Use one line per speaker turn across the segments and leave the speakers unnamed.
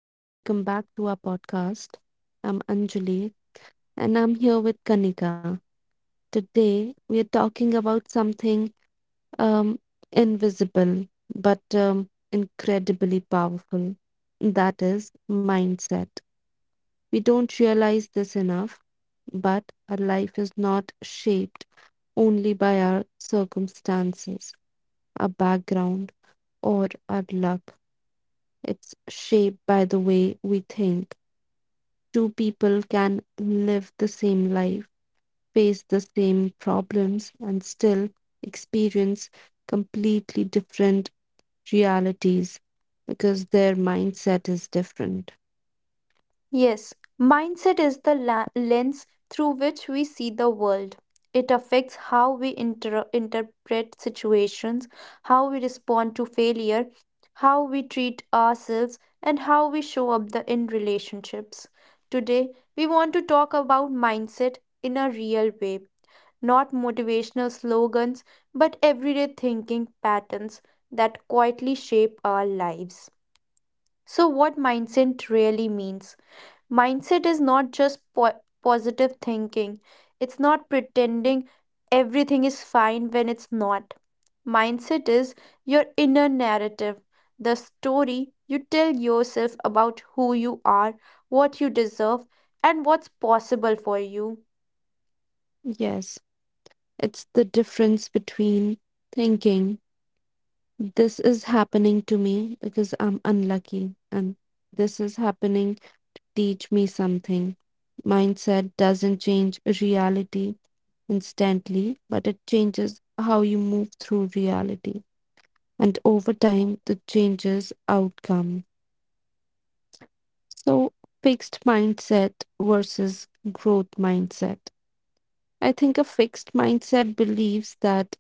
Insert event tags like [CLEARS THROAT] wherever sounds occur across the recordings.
Welcome back to our podcast. I'm Anjali and I'm here with Kanika. Today, we are talking about something um, invisible but incredibly powerful, that is, mindset. We don't realize this enough, but our life is not shaped only by our circumstances, our background, or our luck. It's shaped by the way we think. Two people can live the same life, face the same problems, and still experience completely different realities because their mindset is different.
Yes, mindset is the lens through which we see the world. It affects how we interpret situations, how we respond to failure, how we treat ourselves, and how we show up in relationships. Today, we want to talk about mindset in a real way, not motivational slogans, but everyday thinking patterns that quietly shape our lives. So, what mindset really means? Mindset is not just positive thinking, it's not pretending everything is fine when it's not. Mindset is your inner narrative, the story you tell yourself about who you are, what you deserve, and what's possible for you.
Yes, it's the difference between thinking this is happening to me because I'm unlucky, and this is happening teach me something. Mindset doesn't change reality instantly, but it changes how you move through reality. And over time, it changes outcome. So, fixed mindset versus growth mindset. I think a fixed mindset believes that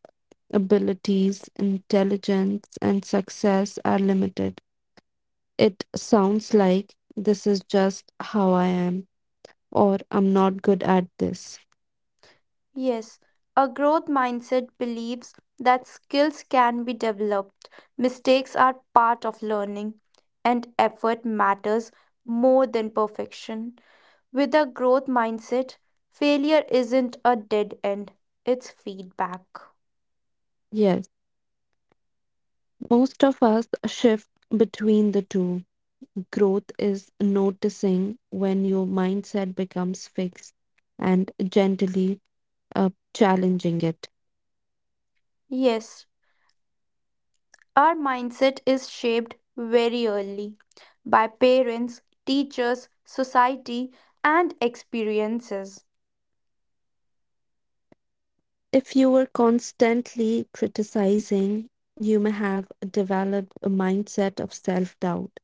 abilities, intelligence, and success are limited. It sounds like this is just how I am, or I'm not good at this.
Yes, a growth mindset believes that skills can be developed, mistakes are part of learning, and effort matters more than perfection. With a growth mindset, failure isn't a dead end, it's feedback.
Yes, most of us shift between the two. Growth is noticing when your mindset becomes fixed and gently uh, challenging it.
Yes, our mindset is shaped very early by parents, teachers, society, and experiences.
If you were constantly criticizing, you may have developed a mindset of self doubt.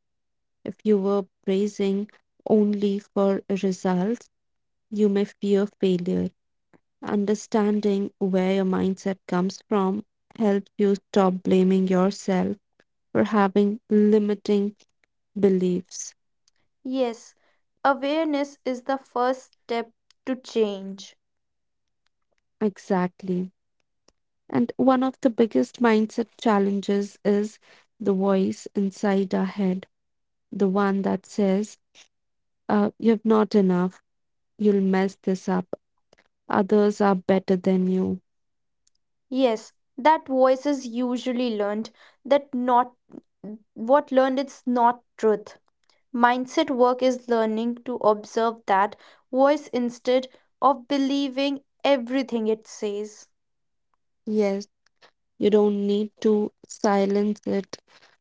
If you were praising only for results, you may fear failure. Understanding where your mindset comes from helps you stop blaming yourself for having limiting beliefs.
Yes, awareness is the first step to change.
Exactly. And one of the biggest mindset challenges is the voice inside our head, the one that says, you're not enough. You'll mess this up. Others are better than you.
Yes, that voice is usually learned, that not what learned is not truth. Mindset work is learning to observe that voice instead of believing everything it says.
Yes, you don't need to silence it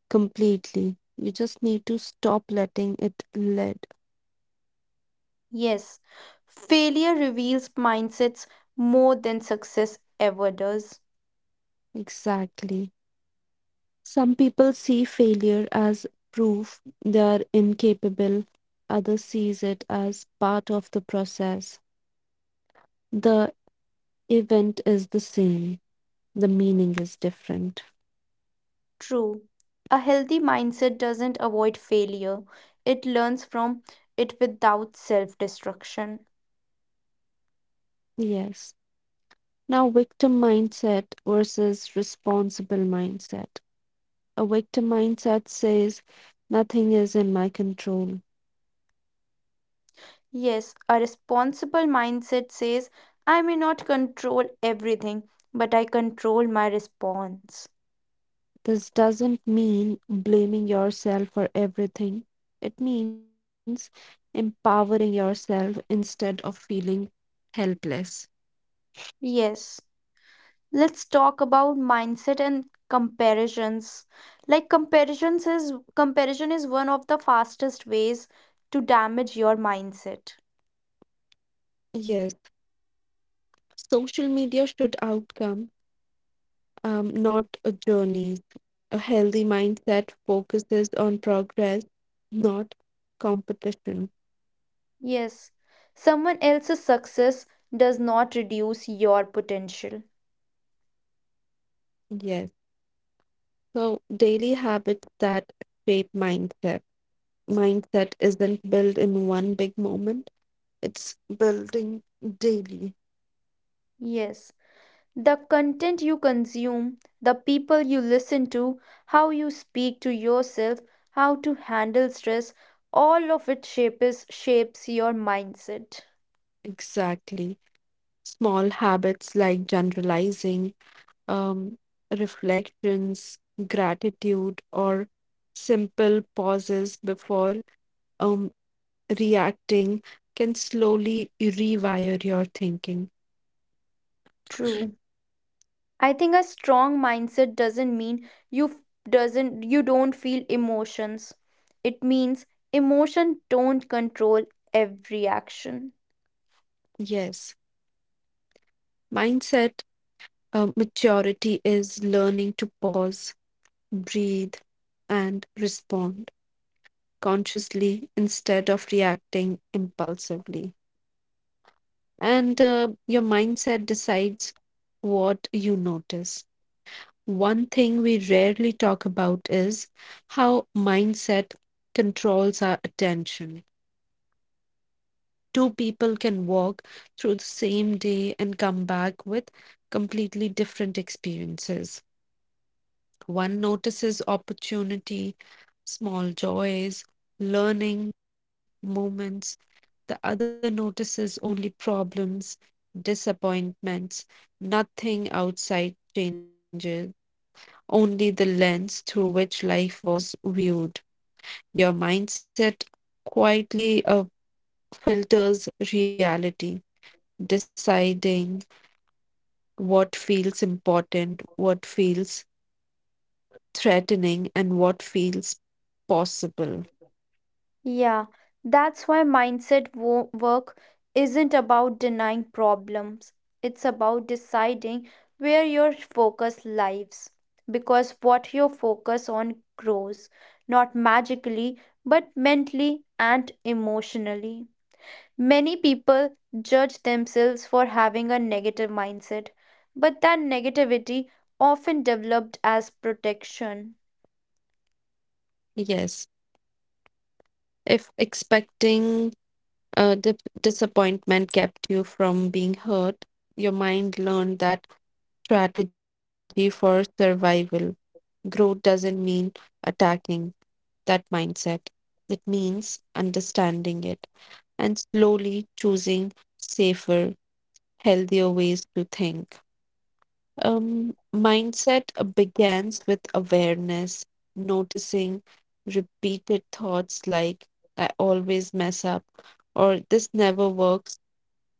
completely. You just need to stop letting it lead.
Yes, failure reveals mindsets more than success ever does.
Exactly. Some people see failure as proof they are incapable. Others sees it as part of the process. The event is the same. The meaning is different.
True. A healthy mindset doesn't avoid failure, it learns from it without self destruction.
Yes. Now, victim mindset versus responsible mindset. A victim mindset says, nothing is in my control.
Yes, a responsible mindset says, I may not control everything, but I control my response.
This doesn't mean blaming yourself for everything, it means empowering yourself instead of feeling helpless.
Yes. Let's talk about mindset and comparisons. Like comparisons is comparison is one of the fastest ways to damage your mindset.
Yes, social media should outcome, not a journey. A healthy mindset focuses on progress, not competition.
Yes, someone else's success does not reduce your potential.
Yes. So daily habits that shape mindset. Mindset isn't built in one big moment. It's building daily.
Yes, the content you consume, the people you listen to, how you speak to yourself, how to handle stress, all of it shapes your mindset.
Exactly. Small habits like generalizing, um, reflections, gratitude, or simple pauses before um reacting can slowly rewire your thinking.
True. I think a strong mindset doesn't you don't feel emotions. It means emotion don't control every action.
Yes. Mindset maturity is learning to pause breathe, and respond consciously instead of reacting impulsively. And your mindset decides what you notice. One thing we rarely talk about is how mindset controls our attention. Two people can walk through the same day and come back with completely different experiences. One notices opportunity, small joys, learning moments. The other notices only problems, disappointments. Nothing outside changes, only the lens through which life was viewed. Your mindset quietly filters reality, deciding what feels important, what feels threatening, and what feels possible.
Yeah, that's why mindset work isn't about denying problems. It's about deciding where your focus lies. Because what you focus on grows, not magically, but mentally and emotionally. Many people judge themselves for having a negative mindset, but that negativity often developed as protection.
Yes. If expecting uh, di- disappointment kept you from being hurt, your mind learned that strategy for survival. Growth doesn't mean attacking that mindset, it means understanding it and slowly choosing safer, healthier ways to think. Mindset begins with awareness, noticing repeated thoughts like, I always mess up, or this never works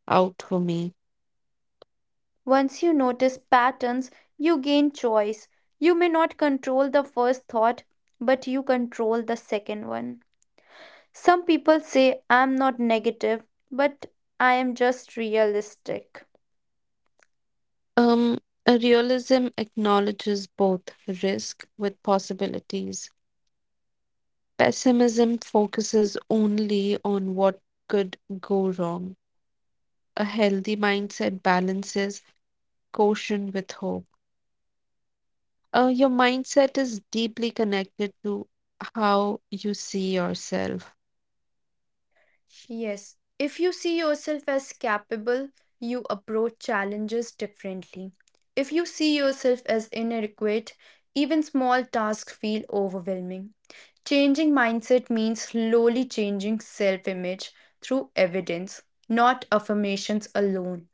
out for me.
Once you notice patterns, you gain choice. You may not control the first thought, but you control the second one. Some people say, I'm not negative, but I am just realistic.
Um, a realism acknowledges both risk with possibilities. Pessimism focuses only on what could go wrong. A healthy mindset balances caution with hope. Your mindset is deeply connected to how you see yourself.
Yes, if you see yourself as capable, you approach challenges differently. If you see yourself as inadequate, even small tasks feel overwhelming. Changing mindset means slowly changing self image through evidence, not affirmations alone.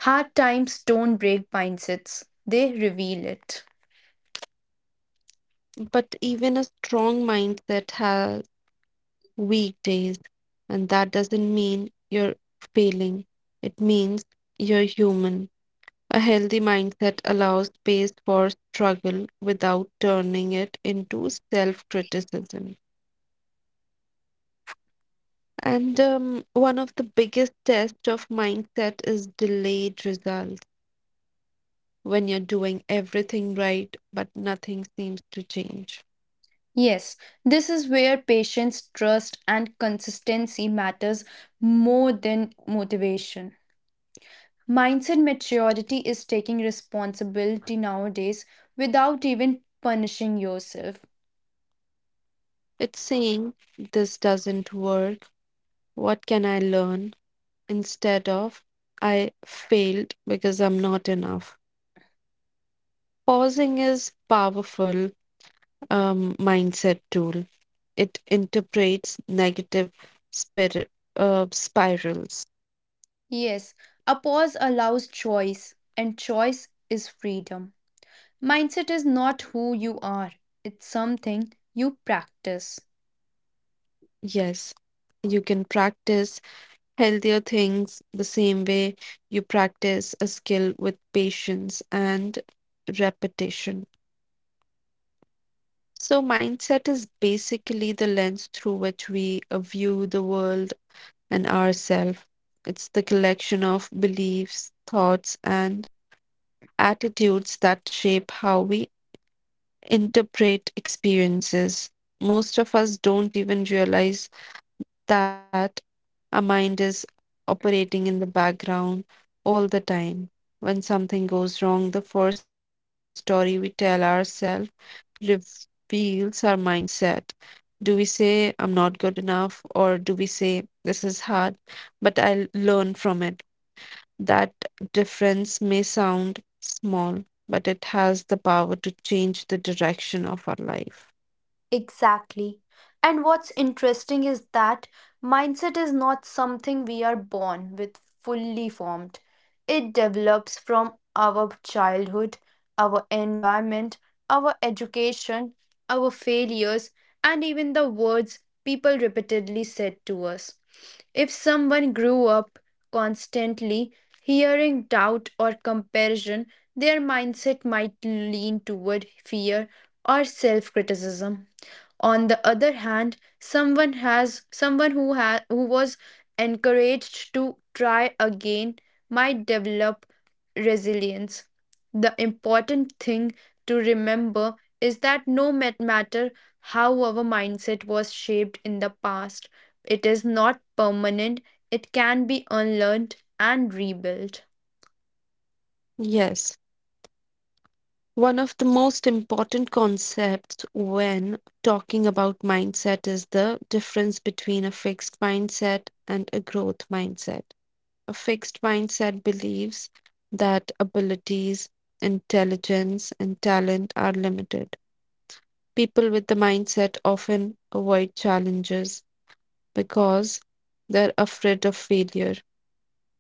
Hard times don't break mindsets, they reveal it.
But even a strong mindset has weak days, and that doesn't mean you're failing. It means you're human. A healthy mindset allows space for struggle without turning it into self criticism. And one of the biggest tests of mindset is delayed results when you're doing everything right, but nothing seems to change.
Yes, this is where patience, trust, and consistency matters more than motivation. Mindset maturity is taking responsibility nowadays without even punishing yourself.
It's saying, this doesn't work. What can I learn? Instead of, I failed because I'm not enough. Pausing is powerful mindset tool. It interprets negative spirit, spirals.
Yes, a pause allows choice, and choice is freedom. Mindset is not who you are, it's something you practice.
Yes, you can practice healthier things the same way you practice a skill with patience and repetition. So, mindset is basically the lens through which we view the world and ourselves. It's the collection of beliefs, thoughts, and attitudes that shape how we interpret experiences. Most of us don't even realize that our mind is operating in the background all the time. When something goes wrong, the first story we tell ourselves reveals our mindset. Do we say, I'm not good enough? Or do we say, this is hard, but I'll learn from it? That difference may sound small, but it has the power to change the direction of our life.
Exactly. And what's interesting is that mindset is not something we are born with fully formed. It develops from our childhood, our environment, our education, our failures, and even the words people repeatedly said to us. If someone grew up constantly hearing doubt or comparison, their mindset might lean toward fear or self criticism on the other hand someone who has who was encouraged to try again might develop resilience. The important thing to remember is that no matter how our mindset was shaped in the past, it is not permanent. It can be unlearned and rebuilt.
Yes, one of the most important concepts when talking about mindset is the difference between a fixed mindset and a growth mindset. A fixed mindset believes that abilities, intelligence, and talent are limited. People with the mindset often avoid challenges because they're afraid of failure.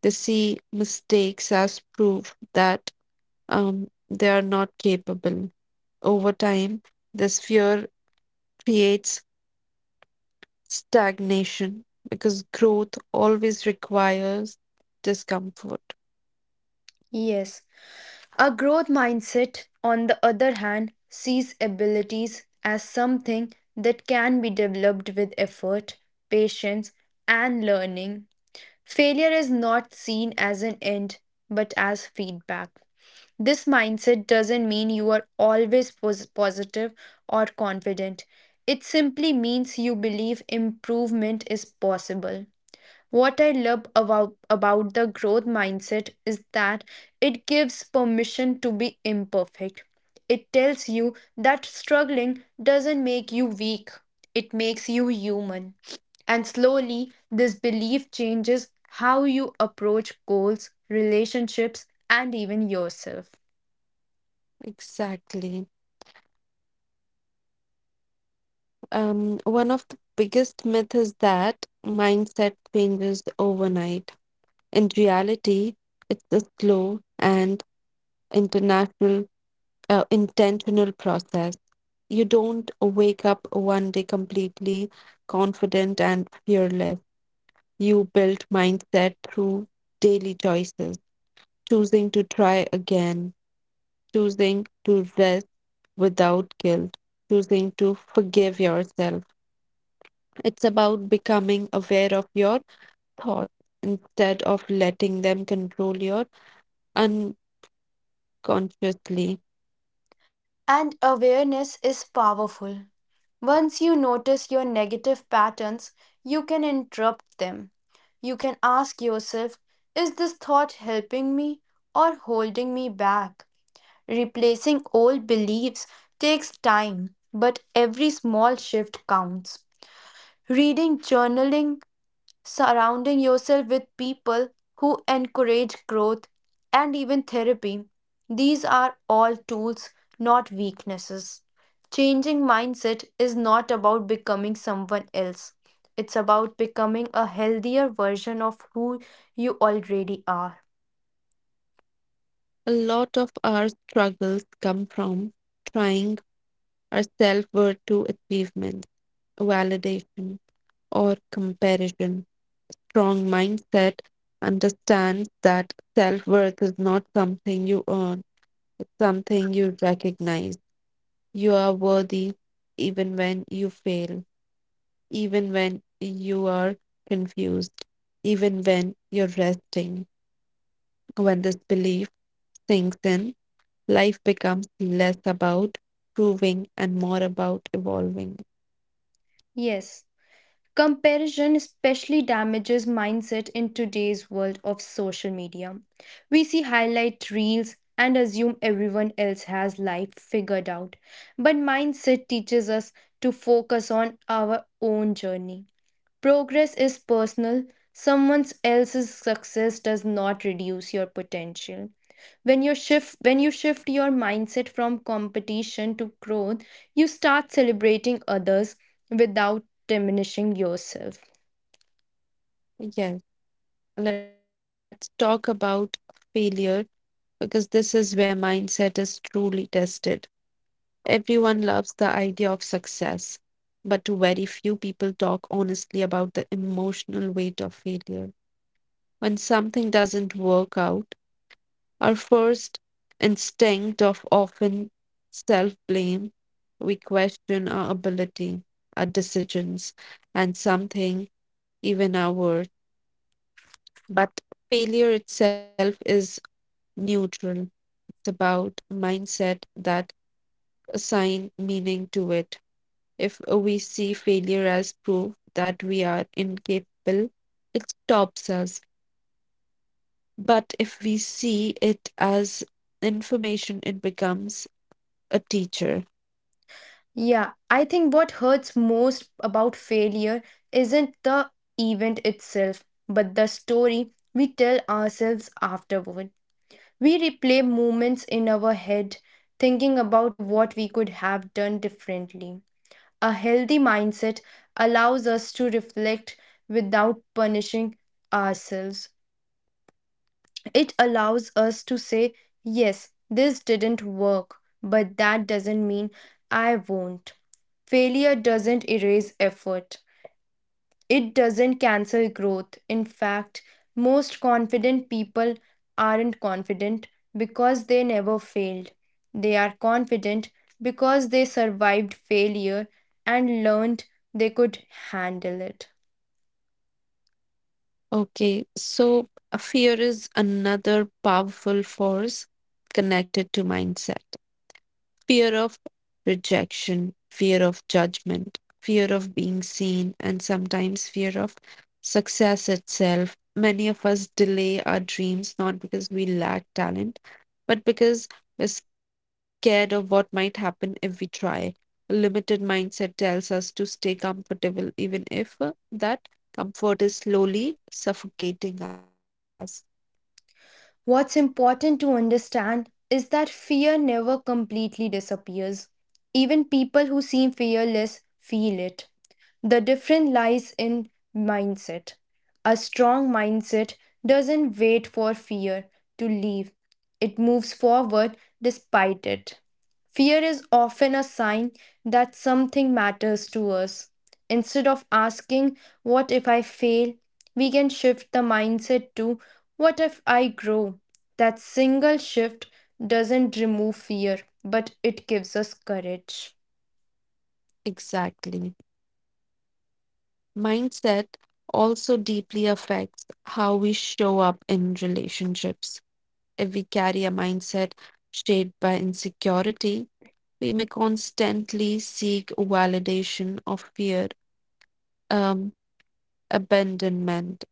They see mistakes as proof that they are not capable. Over time, this fear creates stagnation because growth always requires discomfort.
Yes. A growth mindset, on the other hand, sees abilities as something that can be developed with effort, patience, and learning. Failure is not seen as an end, but as feedback. This mindset doesn't mean you are always positive or confident. It simply means you believe improvement is possible. What I love about the growth mindset is that it gives permission to be imperfect. It tells you that struggling doesn't make you weak, it makes you human. And slowly, this belief changes how you approach goals, relationships, and even yourself.
Exactly. One of the biggest myths is that mindset changes overnight. In reality, it's a slow and international intentional process. You don't wake up one day completely confident and fearless. You build mindset through daily choices, choosing to try again, choosing to rest without guilt, choosing to forgive yourself. It's about becoming aware of your thoughts instead of letting them control your unconsciously.
And awareness is powerful. Once you notice your negative patterns, you can interrupt them. You can ask yourself, is this thought helping me or holding me back? Replacing old beliefs takes time, but every small shift counts. Reading, journaling, surrounding yourself with people who encourage growth and even therapy. These are all tools, not weaknesses. Changing mindset is not about becoming someone else, it's about becoming a healthier version of who you already are.
A lot of our struggles come from trying our self worth to achievements, validation, or comparison. Strong mindset understands that self worth is not something you earn, it's something you recognize. You are worthy even when you fail, even when you are confused, even when you're resting. When this belief sinks in, life becomes less about proving and more about evolving.
Yes. Comparison especially damages mindset in today's world of social media. We see highlight reels and assume everyone else has life figured out. But mindset teaches us to focus on our own journey. Progress is personal. Someone else's success does not reduce your potential. When you shift your mindset from competition to growth, you start celebrating others without diminishing yourself.
Yes. Let's talk about failure because this is where mindset is truly tested. Everyone loves the idea of success, but very few people talk honestly about the emotional weight of failure. When something doesn't work out, our first instinct of often self blame, we question our ability, our decisions, and something, even our worth. But failure itself is neutral. About mindset that assign meaning to it. If we see failure as proof that we are incapable, it stops us. But if we see it as information, it becomes a teacher.
Yeah, I think what hurts most about failure isn't the event itself, but the story we tell ourselves afterward. We replay moments in our head, thinking about what we could have done differently. A healthy mindset allows us to reflect without punishing ourselves. It allows us to say, yes, this didn't work, but that doesn't mean I won't. Failure doesn't erase effort, it doesn't cancel growth. In fact, most confident people aren't confident because they never failed. They are confident because they survived failure and learned they could handle it.
Okay, so fear is another powerful force connected to mindset. Fear of rejection, fear of judgment, fear of being seen, and sometimes fear of success itself. Many of us delay our dreams not because we lack talent, but because we're scared of what might happen if we try. A limited mindset tells us to stay comfortable, even if that comfort is slowly suffocating us.
What's important to understand is that fear never completely disappears. Even people who seem fearless feel it. The difference lies in mindset. A strong mindset doesn't wait for fear to leave, it moves forward despite it. Fear is often a sign that something matters to us. Instead of asking, what if I fail? We can shift the mindset to, what if I grow? That single shift doesn't remove fear, but it gives us courage.
Exactly. Mindset also deeply affects how we show up in relationships. If we carry a mindset shaped by insecurity, we may constantly seek validation of fear, um, abandonment.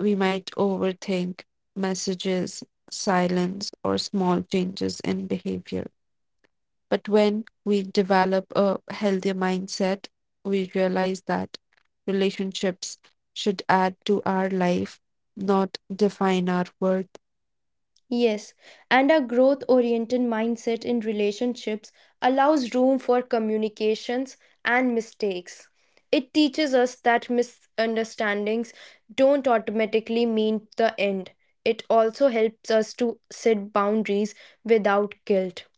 We might overthink messages, silence, or small changes in behavior. But when we develop a healthier mindset, we realize that relationships should add to our life, not define our worth.
Yes, and a growth oriented mindset in relationships allows room for communications and mistakes. It teaches us that misunderstandings don't automatically mean the end. It also helps us to set boundaries without guilt.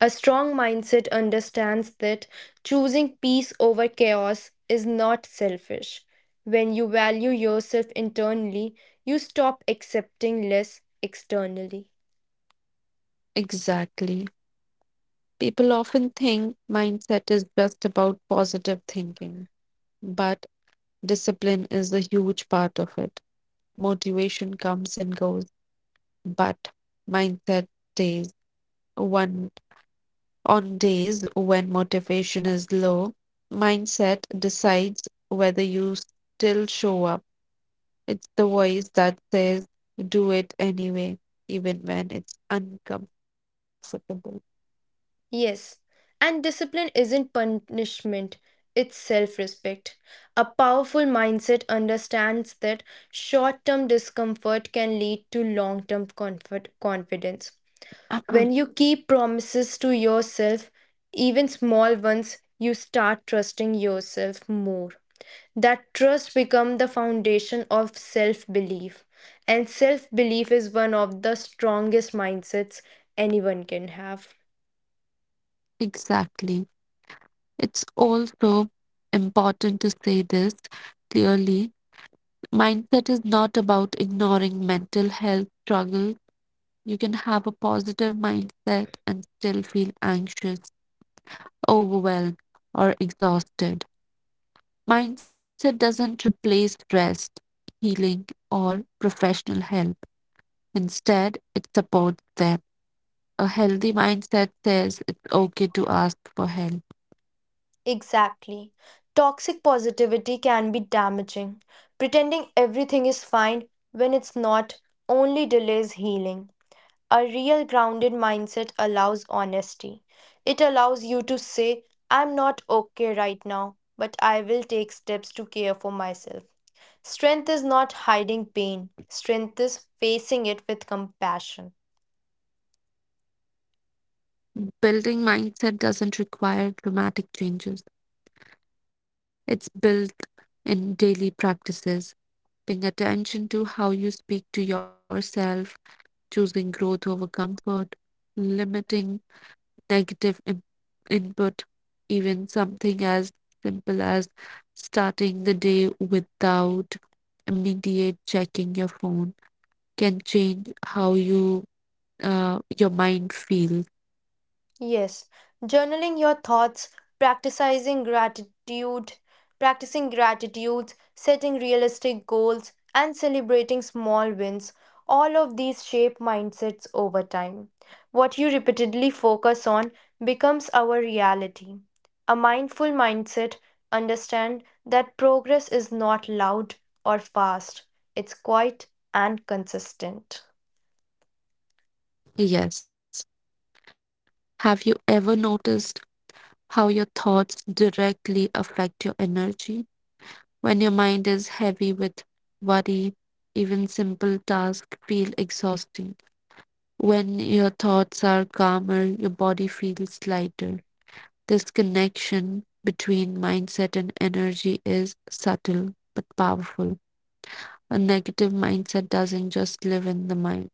A strong mindset understands that choosing peace over chaos is not selfish. When you value yourself internally, you stop accepting less externally.
Exactly. People often think mindset is just about positive thinking, but discipline is a huge part of it. Motivation comes and goes, but mindset stays. One On days when motivation is low, mindset decides whether you still show up. It's the voice that says, do it anyway, even when it's uncomfortable.
Yes, and discipline isn't punishment, it's self respect. A powerful mindset understands that short term discomfort can lead to long term comfort confidence. When
[CLEARS THROAT]
you keep promises to yourself, even small ones, you start trusting yourself more. That trust becomes the foundation of self belief. And self belief is one of the strongest mindsets anyone can have.
Exactly. It's also important to say this clearly. Mindset is not about ignoring mental health struggles. You can have a positive mindset and still feel anxious, overwhelmed, or exhausted. Mindset doesn't replace rest, healing, or professional help. Instead, it supports them. A healthy mindset says it's okay to ask for help.
Exactly. Toxic positivity can be damaging. Pretending everything is fine when it's not only delays healing. A real grounded mindset allows honesty. It allows you to say, I'm not okay right now, but I will take steps to care for myself. Strength is not hiding pain, strength is facing it with compassion.
Building mindset doesn't require dramatic changes, it's built in daily practices, paying attention to how you speak to yourself, choosing growth over comfort, limiting negative input, even something as simple as starting the day without immediate checking your phone can change how you your mind feels.
Yes, journaling your thoughts, practicing gratitude, practicing gratitude, setting realistic goals, and celebrating small wins. All of these shape mindsets over time. What you repeatedly focus on becomes our reality. A mindful mindset understand that progress is not loud or fast. It's quiet and consistent.
Yes. Have you ever noticed how your thoughts directly affect your energy? When your mind is heavy with worry, even simple tasks feel exhausting. When your thoughts are calmer, your body feels lighter. This connection between mindset and energy is subtle but powerful. A negative mindset doesn't just live in the mind,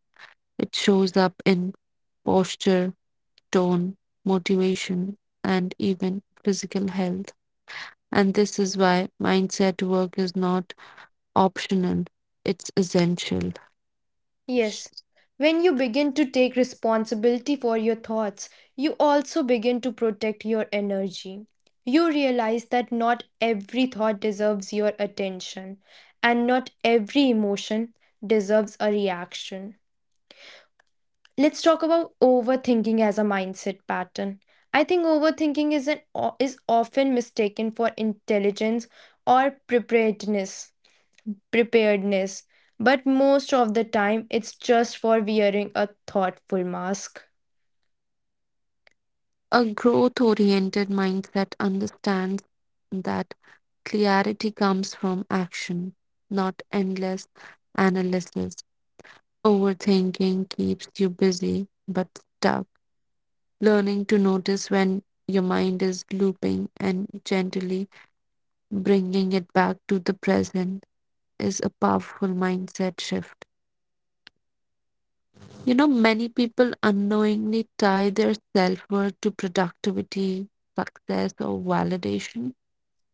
it shows up in posture, tone, motivation, and even physical health. And this is why mindset work is not optional, it's essential.
Yes. When you begin to take responsibility for your thoughts, you also begin to protect your energy. You realize that not every thought deserves your attention, and not every emotion deserves a reaction. Let's talk about overthinking as a mindset pattern. I think overthinking is often mistaken for intelligence or preparedness, but most of the time it's just for wearing a thoughtful mask.
A growth oriented mindset understands that clarity comes from action, not endless analysis. Overthinking keeps you busy but stuck. Learning to notice when your mind is looping and gently bringing it back to the present is a powerful mindset shift. You know, many people unknowingly tie their self worth to productivity, success, or validation.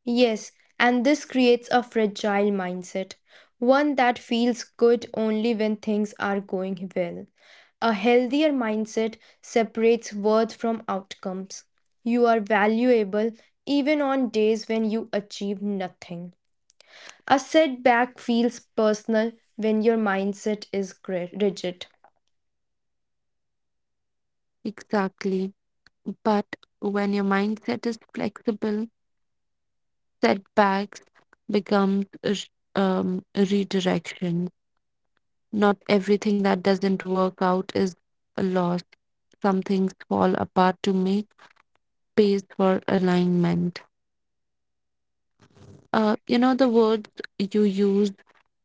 Yes, and this creates a fragile mindset, one that feels good only when things are going well. A healthier mindset separates worth from outcomes. You are valuable even on days when you achieve nothing. A setback feels personal when your mindset is rigid.
Exactly. But when your mindset is flexible, setbacks becomes a redirection. Not everything that doesn't work out is a loss. Some things fall apart to make space for alignment. You know, the words you use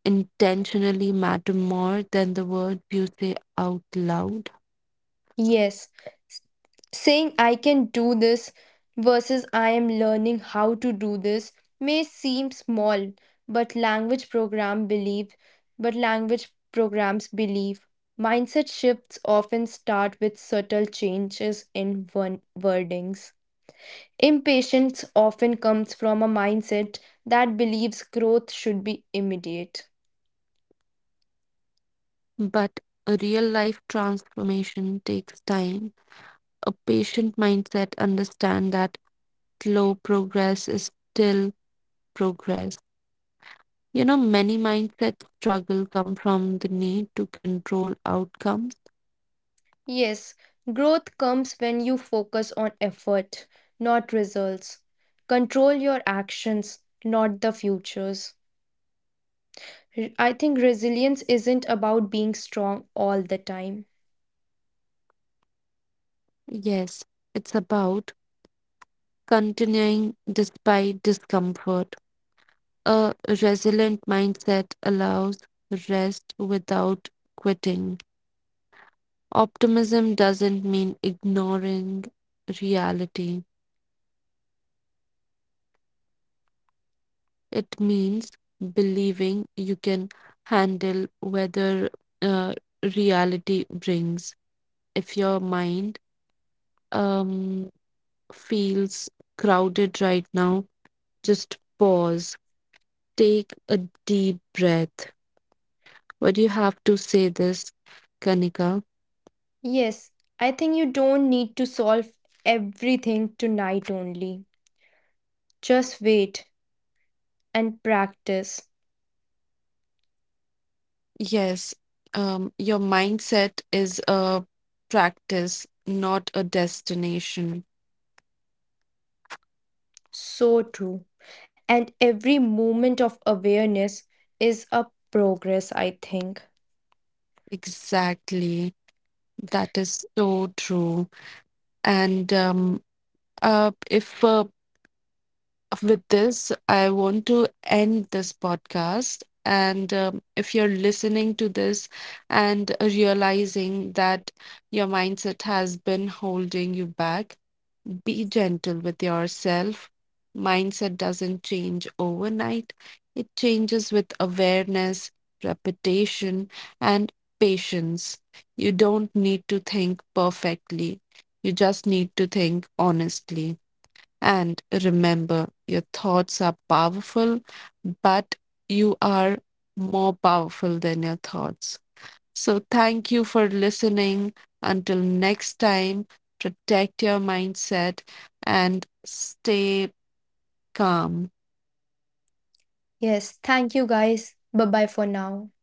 intentionally matter more than the words you say out loud.
Yes, s- saying I can do this versus I am learning how to do this may seem small, but language program believe, but language programs believe mindset shifts often start with subtle changes in one wordings. Impatience often comes from a mindset that believes growth should be immediate.
But a real life transformation takes time, a patient mindset, understand that slow progress is still progress. You know, many mindset struggle come from the need to control outcomes.
Yes, growth comes when you focus on effort, not results. Control your actions, not the futures. I think resilience isn't about being strong all the time.
Yes, it's about continuing despite discomfort. A resilient mindset allows rest without quitting. Optimism doesn't mean ignoring reality. It means believing you can handle whether uh, reality brings. If your mind um, feels crowded right now, just pause, take a deep breath. What do you have to say this, Kanika?
Yes, I think you don't need to solve everything tonight only. Just wait and practice.
Yes, your mindset is a practice, not a destination.
So true. And every moment of awareness is a progress, I think.
Exactly. That is so true. And if with this, I want to end this podcast. And if you're listening to this and realizing that your mindset has been holding you back, be gentle with yourself. Mindset doesn't change overnight, it changes with awareness, repetition, and patience. You don't need to think perfectly, you just need to think honestly. And remember, your thoughts are powerful, but you are more powerful than your thoughts. So, thank you for listening. Until next time, protect your mindset and stay calm.
Yes, thank you guys. Bye bye for now.